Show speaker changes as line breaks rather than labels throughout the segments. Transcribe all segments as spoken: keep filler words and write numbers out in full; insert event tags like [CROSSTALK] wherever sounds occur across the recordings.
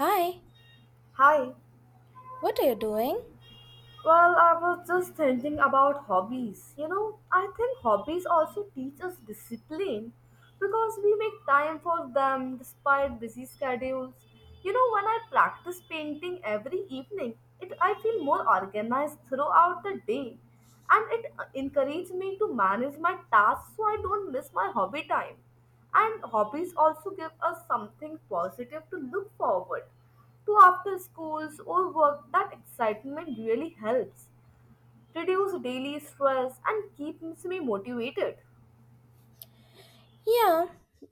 Hi,
Hi.
what are you doing?
Well, I was just thinking about hobbies. You know, I think hobbies also teach us discipline because we make time for them despite busy schedules. You know, when I practice painting every evening, it I feel more organized throughout the day and it uh, encourages me to manage my tasks so I don't miss my hobby time. And hobbies also give us something positive to look forward to after schools or work. That excitement really helps reduce daily stress and keeps me motivated.
Yeah,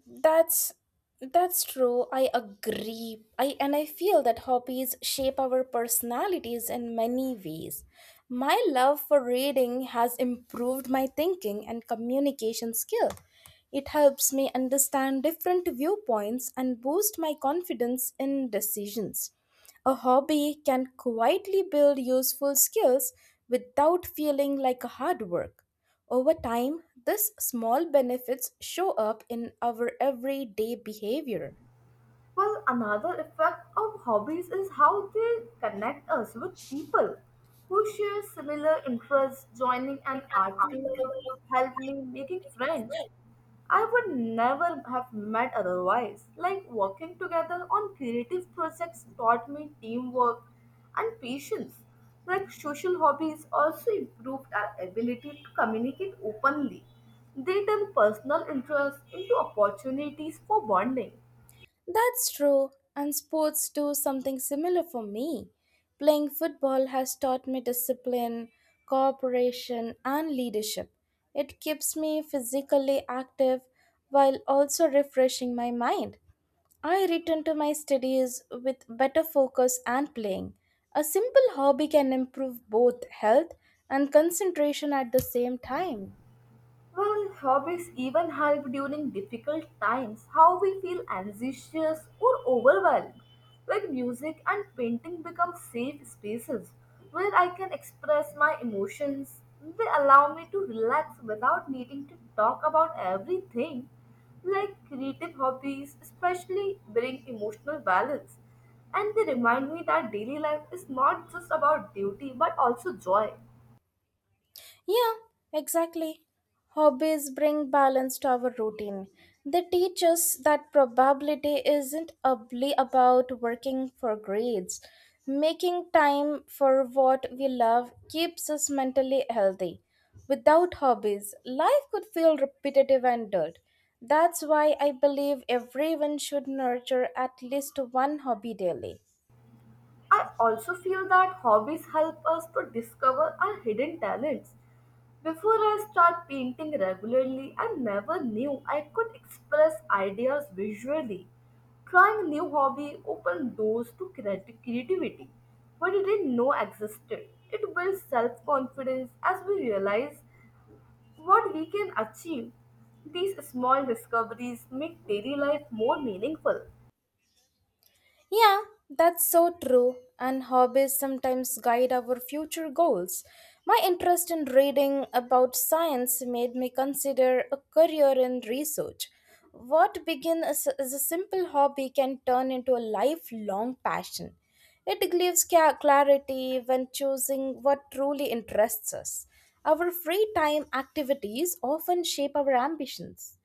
that's that's true. I agree. I and I feel that hobbies shape our personalities in many ways. My love for reading has improved my thinking and communication skill. It helps me understand different viewpoints and boost my confidence in decisions. A hobby can quietly build useful skills without feeling like a hard work. Over time, these small benefits show up in our everyday behavior.
Well, another effect of hobbies is how they connect us with people who share similar interests. Joining an art club helped me making friends I would never have met otherwise. Like working together on creative projects taught me teamwork and patience. Like social hobbies also improved our ability to communicate openly. They turn personal interests into opportunities for bonding.
That's true, and sports do something similar for me. Playing football has taught me discipline, cooperation, and leadership. It keeps me physically active while also refreshing my mind. I returned to my studies with better focus and playing. A simple hobby can improve both health and concentration at the same time.
Well, hobbies even help during difficult times, how we feel anxious or overwhelmed. Like music and painting become safe spaces where I can express my emotions. They allow me to relax without needing to talk about everything. Like creative hobbies especially bring emotional balance. And they remind me that daily life is not just about duty but also joy.
Yeah, exactly. Hobbies bring balance to our routine. They teach us that probability isn't only about working for grades. Making time for what we love keeps us mentally healthy. Without hobbies, life could feel repetitive and dull. That's why I believe everyone should nurture at least one hobby daily.
I also feel that hobbies help us to discover our hidden talents. Before I start painting regularly, I never knew I could express ideas visually. Trying new hobby opened doors to creati- creativity we didn't know existed. It builds self-confidence as we realize what we can achieve. These small discoveries make daily life more meaningful.
Yeah, that's so true. And hobbies sometimes guide our future goals. My interest in reading about science made me consider a career in research. What began as as a simple hobby can turn into a lifelong passion. It gives ca- clarity when choosing what truly interests us. Our free time activities often shape our ambitions.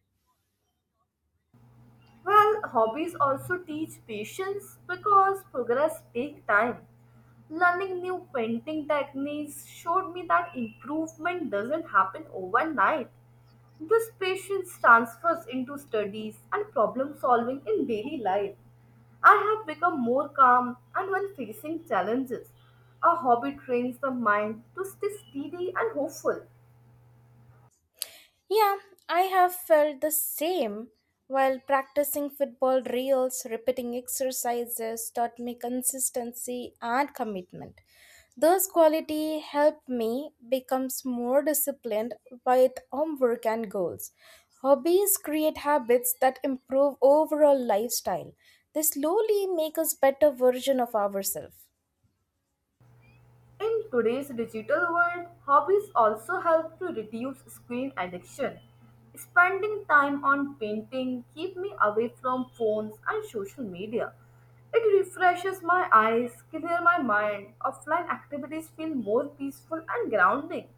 Well, hobbies also teach patience because progress takes time. Learning new painting techniques showed me that improvement doesn't happen overnight. This patience transfers into studies and problem solving in daily life. I have become more calm and when facing challenges. A hobby trains the mind to stay steady and hopeful.
Yeah, I have felt the same. While practicing football drills, repeating exercises taught me consistency and commitment. Those qualities helped me become more disciplined with homework and goals. Hobbies create habits that improve overall lifestyle. They slowly make us better version of ourselves.
In today's digital world, hobbies also help to reduce screen addiction. Spending time on painting keep me away from phones and social media. It refreshes my eyes, clear my mind. Offline activities feel more peaceful and grounding.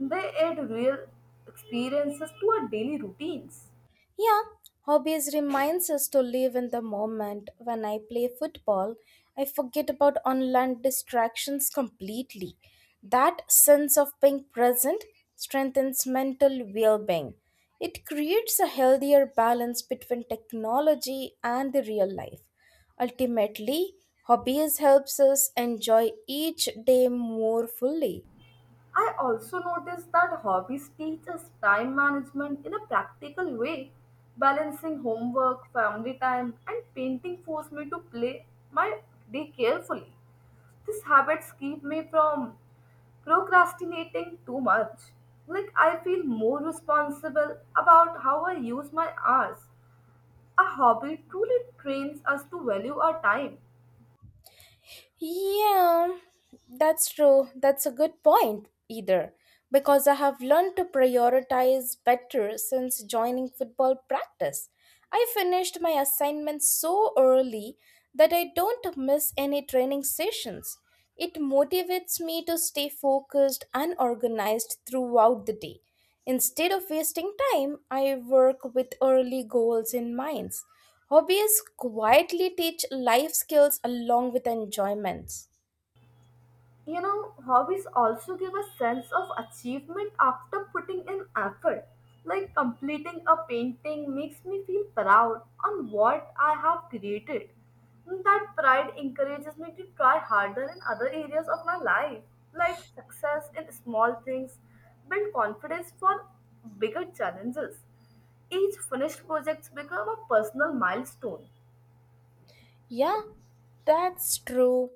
They add real experiences to our daily routines.
Yeah, hobbies reminds us to live in the moment. When I play football, I forget about online distractions completely. That sense of being present strengthens mental well-being. It creates a healthier balance between technology and the real life. Ultimately, hobbies helps us enjoy each day more fully.
I also noticed that hobbies teach us time management in a practical way. Balancing homework, family time, and painting forced me to play my day carefully. These habits keep me from procrastinating too much. Like, I feel more responsible about how I use my hours. A hobby truly trains us to value our time.
Yeah, that's true. That's a good point, either, because I have learned to prioritize better since joining football practice. I finished my assignments so early that I don't miss any training sessions. It motivates me to stay focused and organized throughout the day. Instead of wasting time, I work with early goals in mind. Hobbies quietly teach life skills along with enjoyments.
You know, hobbies also give a sense of achievement after putting in effort. Like completing a painting makes me feel proud on what I have created. That pride encourages me to try harder in other areas of my life. Like success in small things build confidence for bigger challenges. Each finished project becomes a personal milestone.
Yeah, that's true.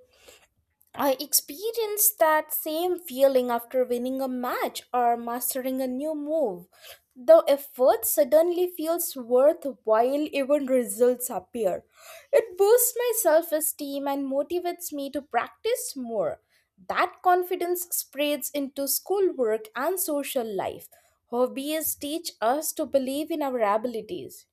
I experienced that same feeling after winning a match or mastering a new move. The effort suddenly feels worthwhile even results appear. It boosts my self-esteem and motivates me to practice more. That confidence spreads into schoolwork and social life. Hobbies teach us to believe in our abilities.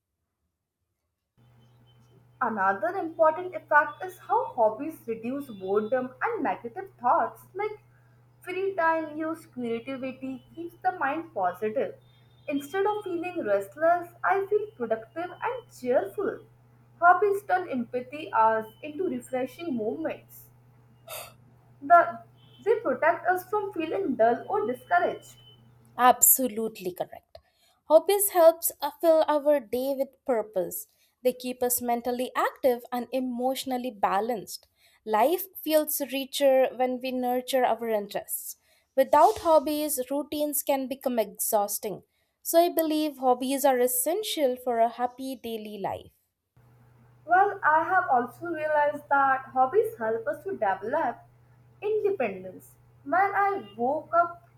Another important effect is how hobbies reduce boredom and negative thoughts. Like free time used creativity keeps the mind positive. Instead of feeling restless, I feel productive and cheerful. Hobbies turn empathy hours into refreshing moments. The, they protect us from feeling dull or discouraged.
Absolutely correct. Hobbies helps uh, fill our day with purpose. They keep us mentally active and emotionally balanced. Life feels richer when we nurture our interests. Without hobbies, routines can become exhausting. So I believe hobbies are essential for a happy daily life.
Well, I have also realized that hobbies help us to develop independence. When I woke up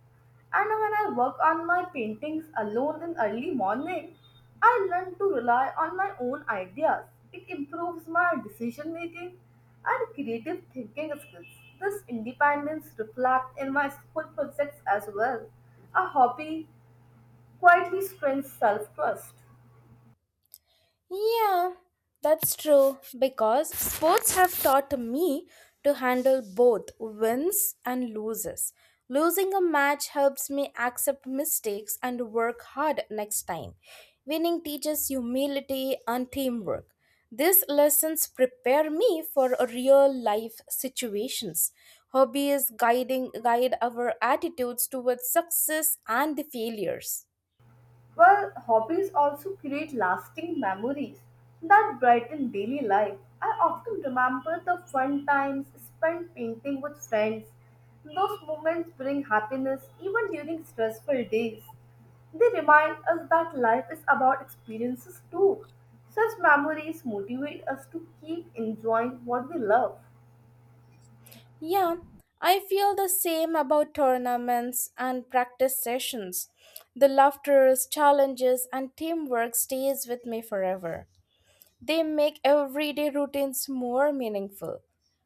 and when I work on my paintings alone in early morning, I learn to rely on my own ideas. It improves my decision making and creative thinking skills. This independence reflects in my school projects as well. A hobby quietly strengthens self trust.
Yeah, that's true because sports have taught me to handle both wins and loses. Losing a match helps me accept mistakes and work hard next time. Winning teaches humility and teamwork. These lessons prepare me for real life situations. Hobbies guiding guide our attitudes towards success and the failures.
Well, hobbies also create lasting memories that brighten daily life. I often remember the fun times spent painting with friends. Those moments bring happiness even during stressful days. They remind us that life is about experiences too. Such memories motivate us to keep enjoying what we love.
Yeah, I feel the same about tournaments and practice sessions. The laughter, challenges, and teamwork stays with me forever. They make everyday routines more meaningful.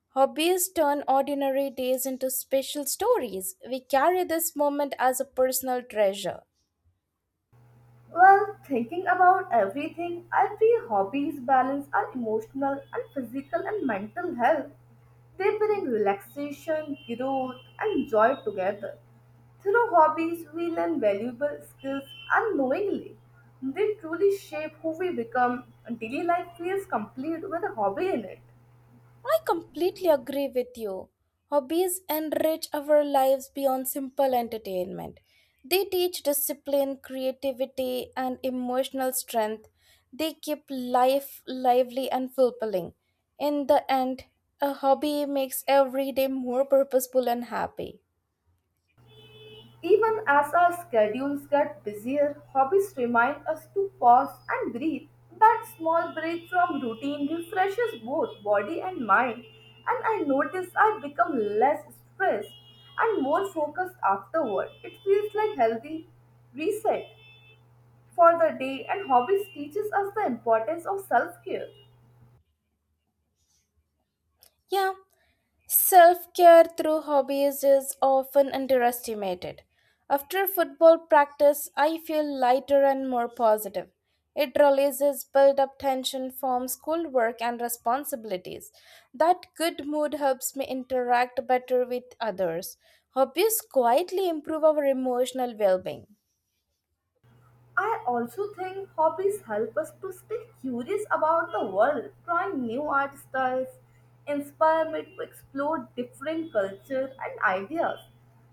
Hobbies turn ordinary days into special stories. We carry this moment as a personal treasure.
Well, thinking about everything, I feel hobbies balance our emotional and physical and mental health. They bring relaxation, growth, and joy together. Through hobbies, we learn valuable skills unknowingly. They truly shape who we become. Daily life feels complete with a hobby in it.
I completely agree with you. Hobbies enrich our lives beyond simple entertainment. They teach discipline, creativity, and emotional strength. They keep life lively and fulfilling. In the end, a hobby makes every day more purposeful and happy.
Even as our schedules get busier, hobbies remind us to pause and breathe. That small break from routine refreshes both body and mind, and I notice I become less stressed and more focused afterward. It feels like healthy reset for the day, and hobbies teaches us the importance of self-care.
Yeah, self care through hobbies is often underestimated. After football practice, I feel lighter and more positive. It releases built up tension from schoolwork and responsibilities. That good mood helps me interact better with others. Hobbies quietly improve our emotional well being.
I also think hobbies help us to stay curious about the world, try new art styles, inspire me to explore different cultures and ideas.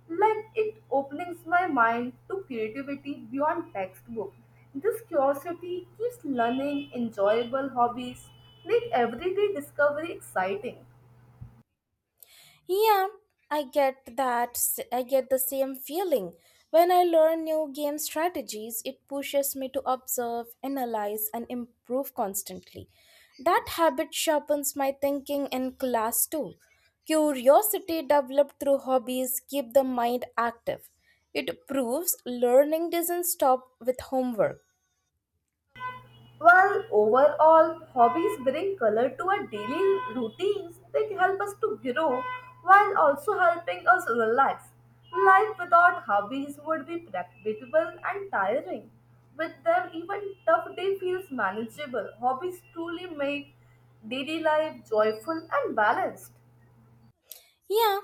Like it opens my mind to creativity beyond textbook. This curiosity keeps learning enjoyable hobbies, make everyday discovery exciting.
Yeah, I get that. s- I get the same feeling. When I learn new game strategies, it pushes me to observe, analyze, and improve constantly. That habit sharpens my thinking in class too. Curiosity developed through hobbies keep the mind active. It proves learning doesn't stop with homework.
Well, overall, hobbies bring color to our daily routines. They help us to grow while also helping us relax. Life without hobbies would be predictable and tiring. With them, even tough day feels manageable. Hobbies truly make daily life joyful and balanced.
Yeah,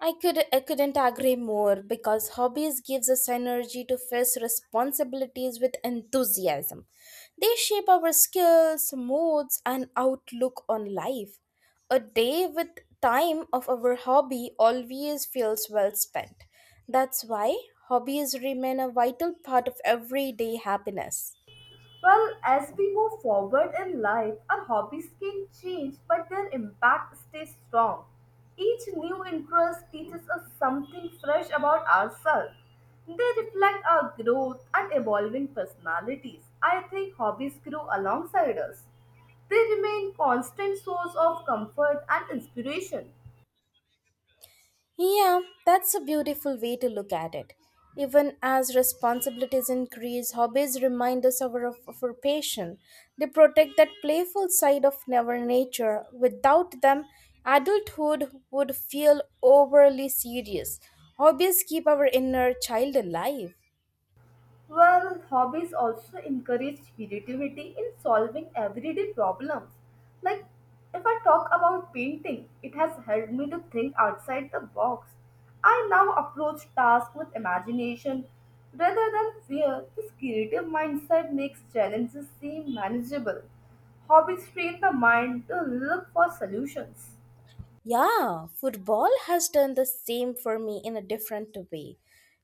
I could I couldn't agree more because hobbies gives us energy to face responsibilities with enthusiasm. They shape our skills, moods and outlook on life. A day with time of our hobby always feels well spent. That's why hobbies remain a vital part of everyday happiness.
Well, as we move forward in life, our hobbies can change, but their impact stays strong. Each new interest teaches us something fresh about ourselves. They reflect our growth and evolving personalities. I think hobbies grow alongside us. They remain constant source of comfort and inspiration.
Yeah, that's a beautiful way to look at it. Even as responsibilities increase, hobbies remind us of our, of our passion. They protect that playful side of our nature. Without them, adulthood would feel overly serious. Hobbies keep our inner child alive.
Well, hobbies also encourage creativity in solving everyday problems. Like, if I talk about painting, it has helped me to think outside the box. I now approach tasks with imagination rather than fear. This creative mindset makes challenges seem manageable. Hobbies train the mind to look for solutions.
Yeah, football has done the same for me in a different way.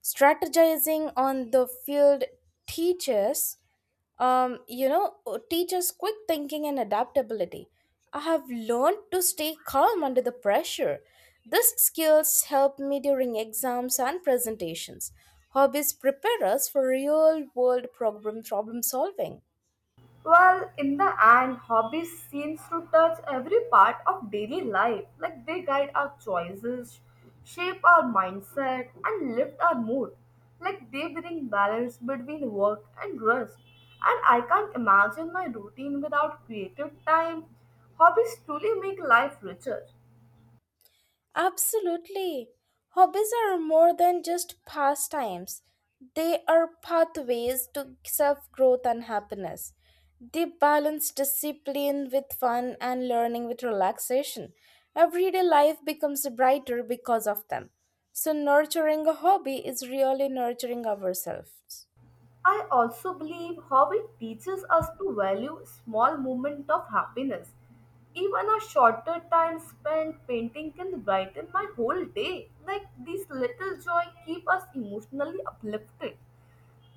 Strategizing on the field teaches um, you know, teaches quick thinking and adaptability. I have learned to stay calm under the pressure. These skills help me during exams and presentations. Hobbies prepare us for real world problem problem solving.
Well, in the end, hobbies seems to touch every part of daily life. Like they guide our choices, shape our mindset, and lift our mood. Like they bring balance between work and rest. And I can't imagine my routine without creative time. Hobbies truly make life richer.
Absolutely. Hobbies are more than just pastimes. They are pathways to self growth and happiness. They balance discipline with fun and learning with relaxation. Everyday life becomes brighter because of them. So, nurturing a hobby is really nurturing ourselves.
I also believe how it teaches us to value small moments of happiness. Even a shorter time spent painting can brighten my whole day. Like these little joy keep us emotionally uplifted.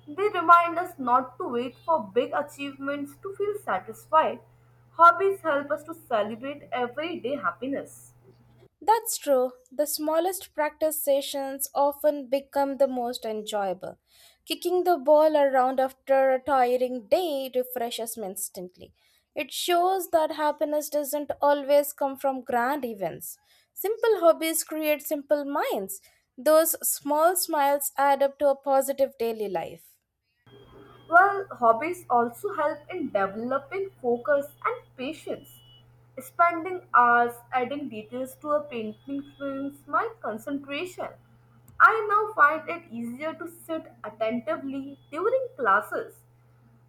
They remind us not to wait for big achievements to feel satisfied. Hobbies help us to celebrate everyday happiness.
That's true. The smallest practice sessions often become the most enjoyable. Kicking the ball around after a tiring day refreshes me instantly. It shows that happiness doesn't always come from grand events. Simple hobbies create simple minds. Those small smiles add up to a positive daily life.
Well, hobbies also help in developing focus and patience. Spending hours adding details to a painting strains my concentration. I now find it easier to sit attentively during classes.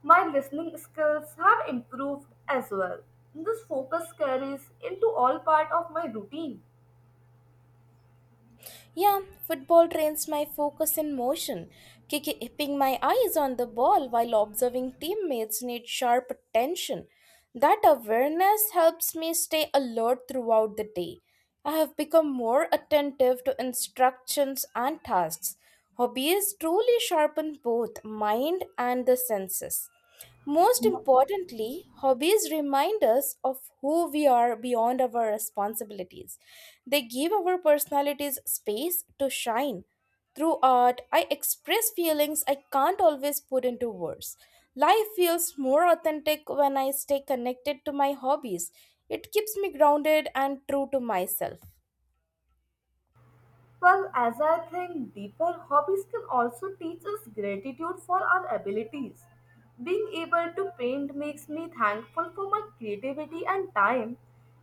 My listening skills have improved as well. This focus carries into all part of my routine.
Yeah, football trains my focus and motion, kiki- keeping my eyes on the ball while observing teammates need sharp attention. That awareness helps me stay alert throughout the day. I have become more attentive to instructions and tasks. Hobbies truly sharpen both mind and the senses. Most importantly, hobbies remind us of who we are beyond our responsibilities. They give our personalities space to shine. Through art, I express feelings I can't always put into words. Life feels more authentic when I stay connected to my hobbies. It keeps me grounded and true to myself.
Well, as I think deeper, hobbies can also teach us gratitude for our abilities. Being able to paint makes me thankful for my creativity and time.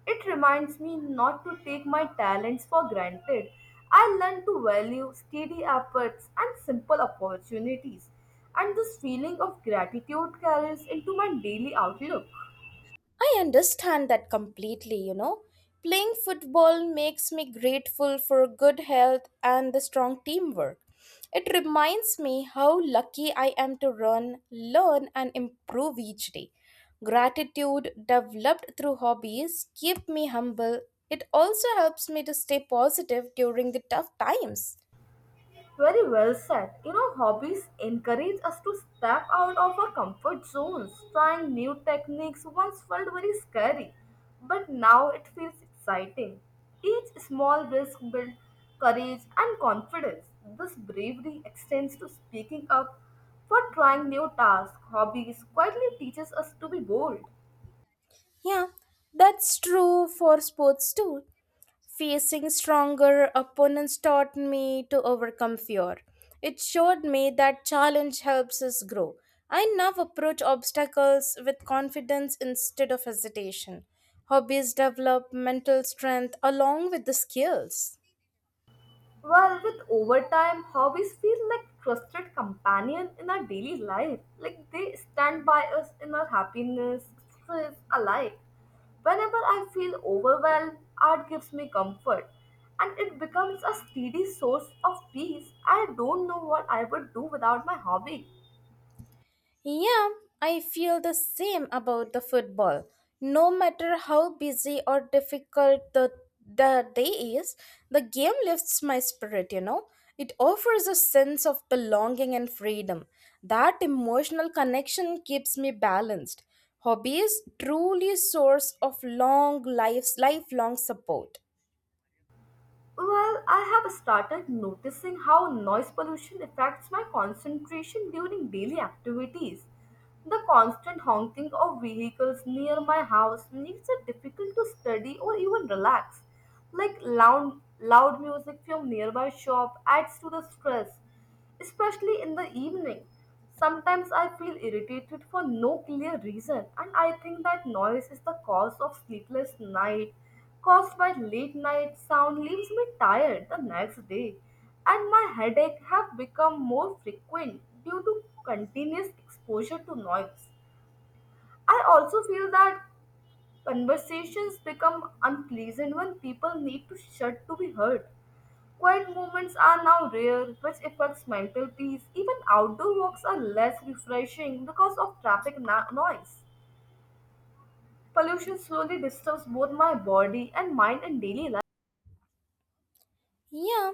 It reminds me not to take my talents for granted. I learn to value steady efforts and simple opportunities, and this feeling of gratitude carries into my daily outlook.
I understand that completely, you know. Playing football makes me grateful for good health and the strong teamwork. It reminds me how lucky I am to run, learn, and improve each day. Gratitude developed through hobbies keep me humble. It also helps me to stay positive during the tough times.
Very well said. You know, hobbies encourage us to step out of our comfort zones. Trying new techniques once felt very scary, but now it feels exciting. Each small risk builds courage and confidence. This bravery extends to speaking up for trying new tasks. Hobbies quietly teaches us to be bold.
Yeah, that's true for sports too. Facing stronger opponents taught me to overcome fear. It showed me that challenge helps us grow. I now approach obstacles with confidence instead of hesitation. Hobbies develop mental strength along with the skills.
Well, with overtime, hobbies feel like trusted companion in our daily life. Like they stand by us in our happiness, stress alike. Whenever I feel overwhelmed, art gives me comfort and it becomes a steady source of peace. I don't know what I would do without my hobby.
Yeah, I feel the same about the football. No matter how busy or difficult the, the day is, the game lifts my spirit, you know. It offers a sense of belonging and freedom. That emotional connection keeps me balanced. Hobbies truly source of long lives lifelong support.
Well, I have started noticing how noise pollution affects my concentration during daily activities. The constant honking of vehicles near my house makes it difficult to study or even relax. Like loud, loud music from nearby shop adds to the stress, especially in the evening. Sometimes I feel irritated for no clear reason, and I think that noise is the cause of sleepless night. Caused by late night sound leaves me tired the next day, and my headache have become more frequent due to continuous exposure to noise. I also feel that conversations become unpleasant when people need to shut to be heard. Quiet moments are now rare, which affects mental peace. Even outdoor walks are less refreshing because of traffic na- noise. Pollution slowly disturbs both my body and mind in daily life.
Yeah,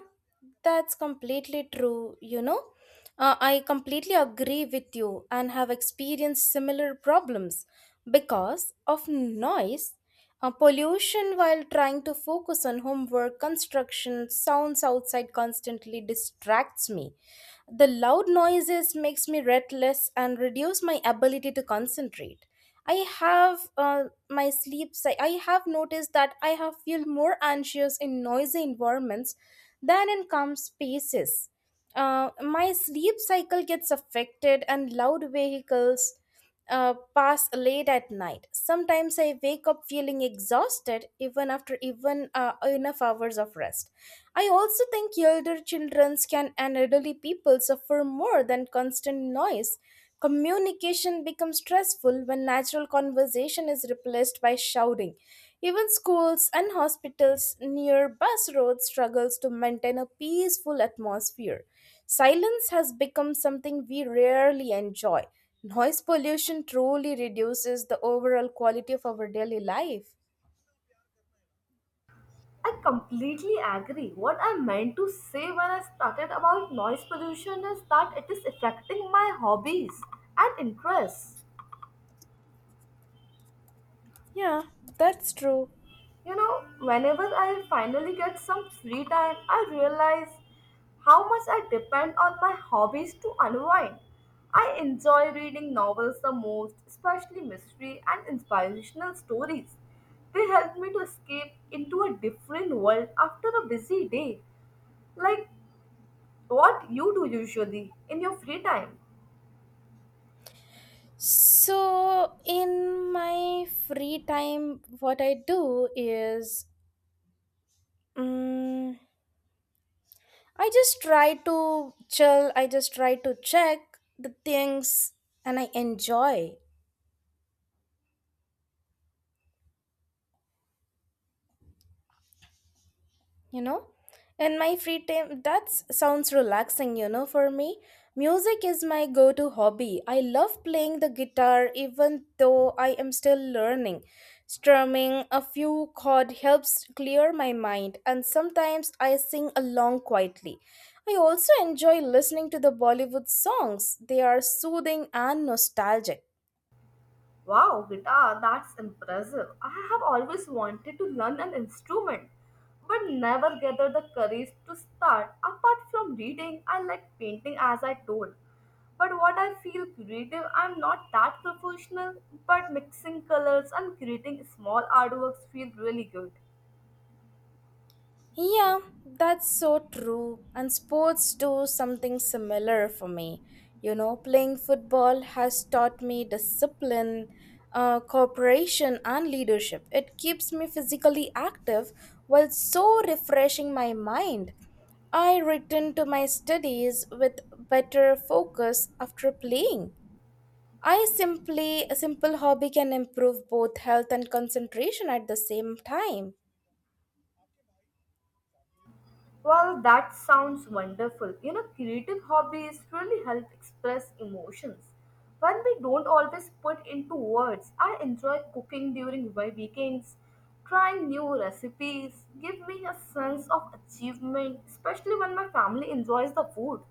that's completely true, you know. Uh, I completely agree with you and have experienced similar problems because of noise, uh, pollution while trying to focus on homework, construction, sounds outside constantly distracts me. The loud noises makes me restless and reduce my ability to concentrate. I have uh, my sleep cy- I have noticed that I have feel more anxious in noisy environments than in calm spaces. uh, my sleep cycle gets affected and loud vehicles uh, pass late at night. Sometimes I wake up feeling exhausted even after even uh, enough hours of rest. I also think elder children can and elderly people suffer more than constant noise. Communication becomes stressful when natural conversation is replaced by shouting. Even schools and hospitals near bus roads struggles to maintain a peaceful atmosphere. Silence has become something we rarely enjoy. Noise pollution truly reduces the overall quality of our daily life.
I completely agree. What I meant to say when I started about noise pollution is that it is affecting my hobbies and interests.
Yeah, that's true.
You know, whenever I finally get some free time, I realize how much I depend on my hobbies to unwind. I enjoy reading novels the most, especially mystery and inspirational stories. They help me to escape into a different world after a busy day. Like what you do usually in your free time.
So, in my free time, what I do is. mm I just try to chill, I just try to check the things and I enjoy, you know. In my free time, that sounds relaxing, you know, for me. Music is my go to hobby. I love playing the guitar even though I am still learning. Strumming a few chords helps clear my mind, and sometimes I sing along quietly. I also enjoy listening to the Bollywood songs, they are soothing and nostalgic.
Wow, guitar, that's impressive. I have always wanted to learn an instrument, but never gathered the courage to start. Apart from reading, I like painting as I told. But what I feel creative, I'm not that professional, but mixing colors and creating small artworks feel really good.
Yeah, that's so true. And sports do something similar for me. You know, playing football has taught me discipline, uh, cooperation, and leadership. It keeps me physically active while so refreshing my mind. I return to my studies with better focus after playing. I simply, a simple hobby can improve both health and concentration at the same time.
Well, that sounds wonderful. You know, creative hobbies really help express emotions. When we don't always put into words, I enjoy cooking during my weekends. Trying new recipes give me a sense of achievement, especially when my family enjoys the food.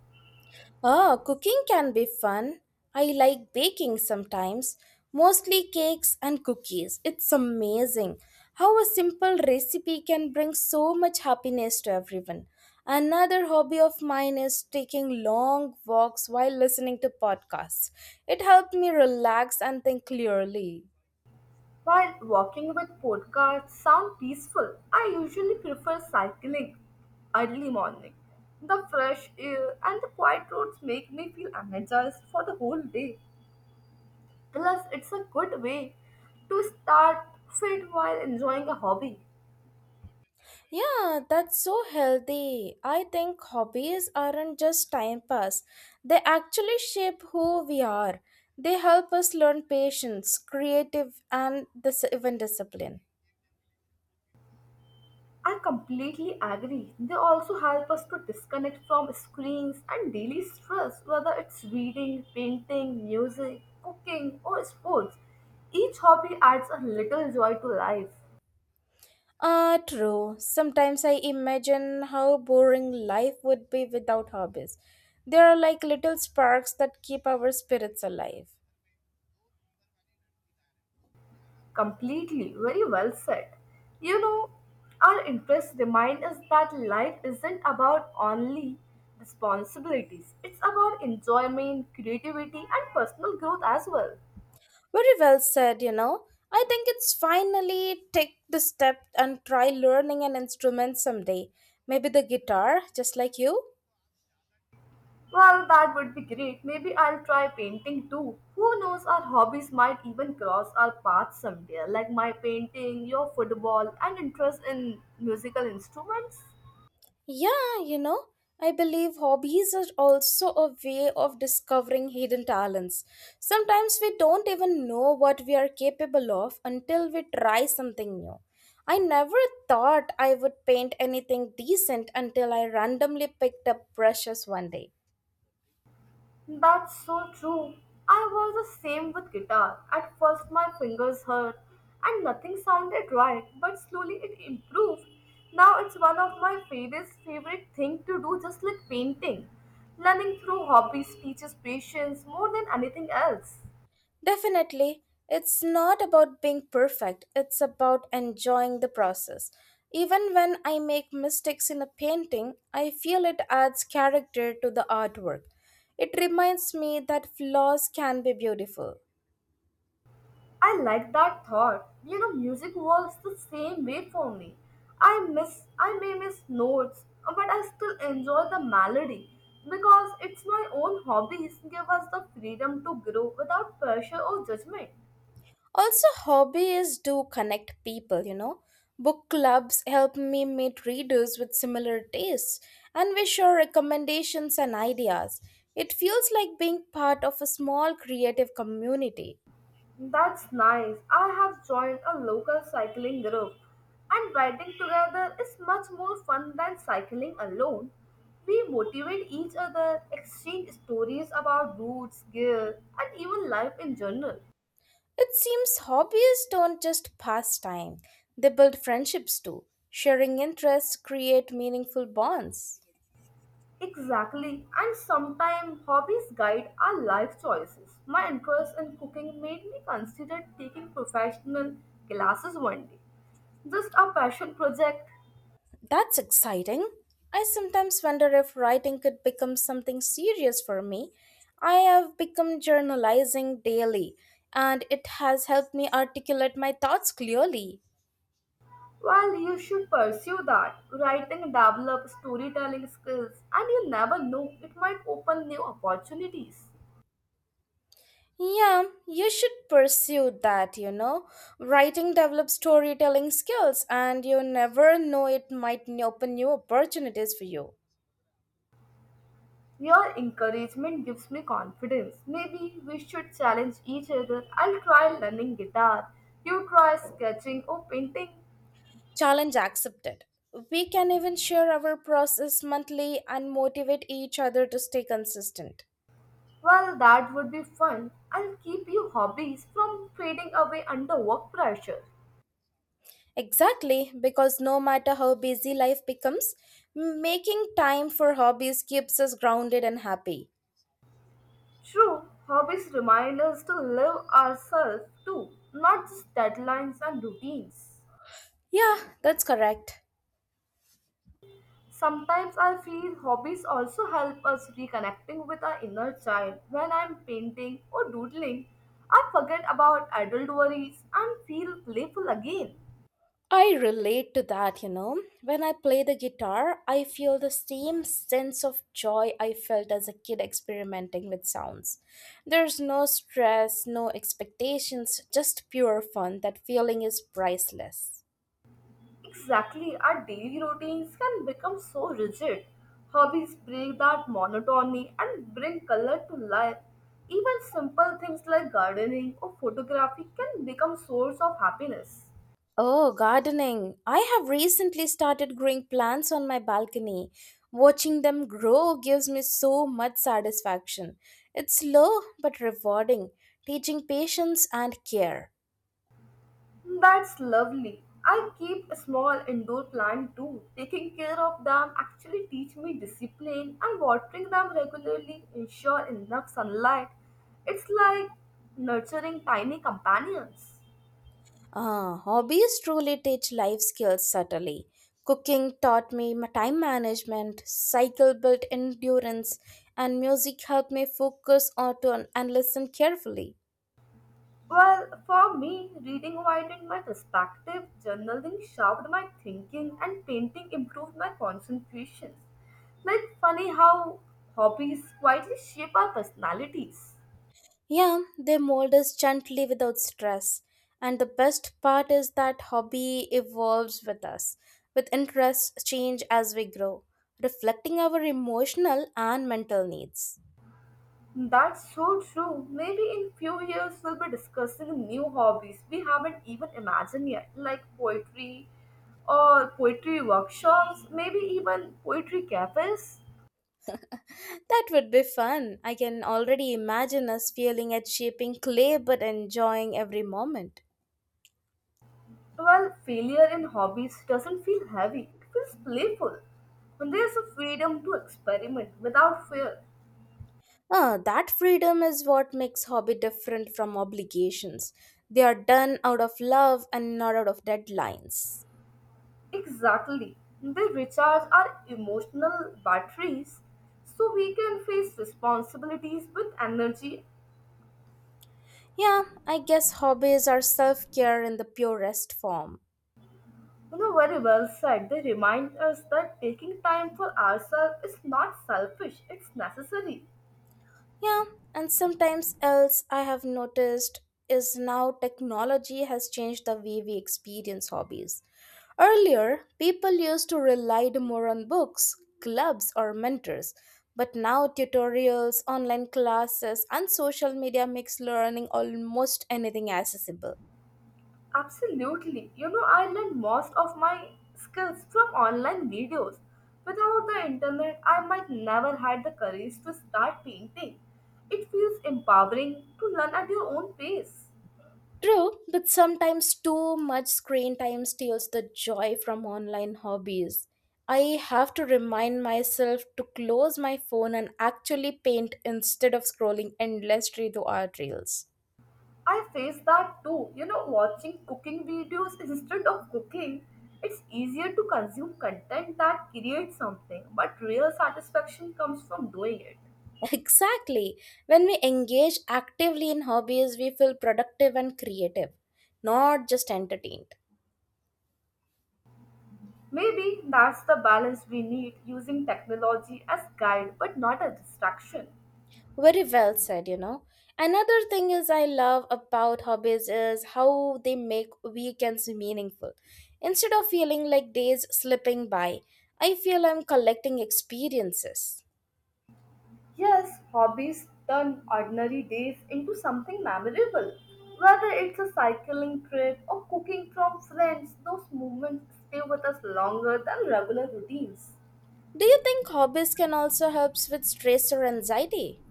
Oh, cooking can be fun. I like baking sometimes, mostly cakes and cookies. It's amazing how a simple recipe can bring so much happiness to everyone. Another hobby of mine is taking long walks while listening to podcasts. It helped me relax and think clearly.
While walking with podcasts sound peaceful, I usually prefer cycling early morning. The fresh air and the quiet roads make me feel energized for the whole day. Plus, it's a good way to start fit while enjoying a hobby.
Yeah, that's so healthy. I think hobbies aren't just time pass. They actually shape who we are. They help us learn patience, creative and dis- even discipline.
I completely agree. They also help us to disconnect from screens and daily stress, whether it's reading, painting, music, cooking, or sports. Each hobby adds a little joy to life.
Ah, true. Sometimes I imagine how boring life would be without hobbies. They are like little sparks that keep our spirits alive.
Completely, very well said. You know, our interests remind us that life isn't about only responsibilities, it's about enjoyment, creativity, and personal growth as well.
Very well said, you know. I think it's finally take the step and try learning an instrument someday. Maybe the guitar, just like you.
Well, that would be great. Maybe I'll try painting too. Who knows, our hobbies might even cross our paths someday, like my painting, your football, and interest in musical instruments.
Yeah, you know, I believe hobbies are also a way of discovering hidden talents. Sometimes we don't even know what we are capable of until we try something new. I never thought I would paint anything decent until I randomly picked up brushes one day.
That's so true. I was the same with guitar. At first, my fingers hurt and nothing sounded right, but slowly it improved. Now it's one of my favorite favorite thing to do, just like painting. Learning through hobbies teaches patience more than anything else.
Definitely, it's not about being perfect, it's about enjoying the process. Even when I make mistakes in a painting, I feel it adds character to the artwork. It reminds me that flaws can be beautiful.
I like that thought. You know, music works the same way for me. I miss, I may miss notes, uh, but I still enjoy the melody because it's my own hobbies give us the freedom to grow without pressure or judgment.
Also, hobbies do connect people, you know. Book clubs help me meet readers with similar tastes, and we share recommendations and ideas. It feels like being part of a small creative community.
That's nice. I have joined a local cycling group, and riding together is much more fun than cycling alone. We motivate each other, exchange stories about routes, gear, and even life in general.
It seems hobbies don't just pass time, they build friendships too. Sharing interests create meaningful bonds.
Exactly, and sometimes hobbies guide our life choices. My interest in cooking made me consider taking professional classes one day. Just a passion project.
That's exciting. I sometimes wonder if writing could become something serious for me. I have become journalizing daily, and it has helped me articulate my thoughts clearly.
Well, you should pursue that. Writing, develop storytelling skills, and you never know, it might open new opportunities.
Yeah, you should pursue that, you know. Writing develops storytelling skills, and you never know it might n- open new opportunities for you.
Your encouragement gives me confidence. Maybe we should challenge each other. I'll try learning guitar. You try sketching or painting.
Challenge accepted. We can even share our process monthly and motivate each other to stay consistent.
Well, that would be fun and keep your hobbies from fading away under work pressure.
Exactly, because no matter how busy life becomes, making time for hobbies keeps us grounded and happy.
True, hobbies remind us to live ourselves too, not just deadlines and routines.
Yeah, that's correct.
Sometimes I feel hobbies also help us reconnecting with our inner child. When I'm painting or doodling, I forget about adult worries and feel playful again.
I relate to that, you know. When I play the guitar, I feel the same sense of joy I felt as a kid experimenting with sounds. There's no stress, no expectations, just pure fun. That feeling is priceless.
Exactly, our daily routines can become so rigid. Hobbies break that monotony and bring color to life. Even simple things like gardening or photography can become source of happiness.
Oh, gardening. I have recently started growing plants on my balcony. Watching them grow gives me so much satisfaction. It's slow but rewarding, teaching patience and care.
That's lovely. I keep a small indoor plant too. Taking care of them actually teach me discipline and watering them regularly ensure enough sunlight. It's like nurturing tiny companions.
Ah, hobbies truly teach life skills subtly. Cooking taught me ma- time management, cycle built endurance, and music helped me focus on to- and listen carefully.
Well, for me, reading widened my perspective, journaling sharpened my thinking, and painting improved my concentration. Like, funny how hobbies quietly shape our personalities.
Yeah, they mold us gently without stress. And the best part is that hobby evolves with us, with interests change as we grow, reflecting our emotional and mental needs.
That's so true. Maybe in few years we'll be discussing new hobbies we haven't even imagined yet, like poetry or poetry workshops, maybe even poetry cafes.
That would be fun. I can already imagine us feeling at shaping clay but enjoying every moment.
Well, failure in hobbies doesn't feel heavy, it feels playful. When there's a freedom to experiment without fear,
Ah, that freedom is what makes hobby different from obligations. They are done out of love and not out of deadlines.
exactly, they recharge our emotional batteries so we can face responsibilities with energy.
Yeah, I guess hobbies are self-care in the purest form.
You know, very well said, they remind us that taking time for ourselves is not selfish, it's necessary.
Yeah, and sometimes else I have noticed is now technology has changed the way we experience hobbies. Earlier, people used to rely more on books, clubs, or mentors, but now tutorials, online classes, and social media makes learning almost anything accessible.
Absolutely. You know, I learned most of my skills from online videos. Without the internet, I might never had the courage to start painting. It feels empowering to learn at your own pace.
True, but sometimes too much screen time steals the joy from online hobbies. I have to remind myself to close my phone and actually paint instead of scrolling endlessly through art reels.
I face that too. You know, watching cooking videos instead of cooking, it's easier to consume content that creates something, but real satisfaction comes from doing it.
[LAUGHS] Exactly. When we engage actively in hobbies, we feel productive and creative, not just entertained.
Maybe that's the balance we need using technology as guide but not a distraction.
Very well said, you know. Another thing is I love about hobbies is how they make weekends meaningful. Instead of feeling like days slipping by, I feel I'm collecting experiences.
Yes, hobbies turn ordinary days into something memorable. Whether it's a cycling trip or cooking from friends, those moments stay with us longer than regular routines.
Do you think hobbies can also help with stress or anxiety?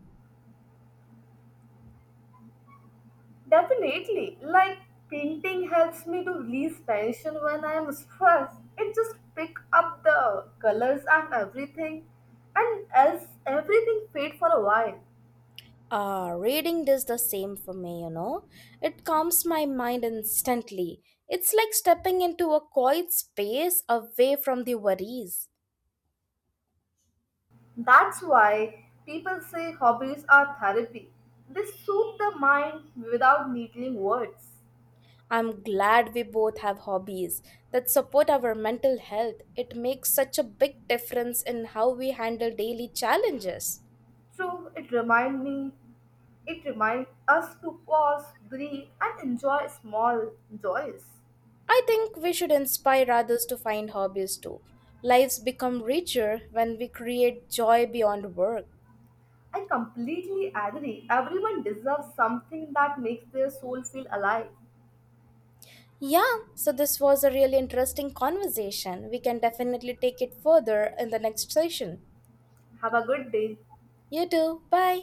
Definitely, like painting helps me to release tension when I am stressed. It just pick up the colors and everything, and as everything fade for a while.
Ah, reading does the same for me, you know. It calms my mind instantly. It's like stepping into a quiet space away from the worries.
That's why people say hobbies are therapy. They soothe the mind without needling words.
I'm glad we both have hobbies that support our mental health. It makes such a big difference in how we handle daily challenges.
True, it remind me, it reminds us to pause, breathe, and enjoy small joys.
I think we should inspire others to find hobbies too. Lives become richer when we create joy beyond work.
I completely agree. Everyone deserves something that makes their soul feel alive.
Yeah, so this was a really interesting conversation. We can definitely take it further in the next session.
Have a good day.
You too. Bye.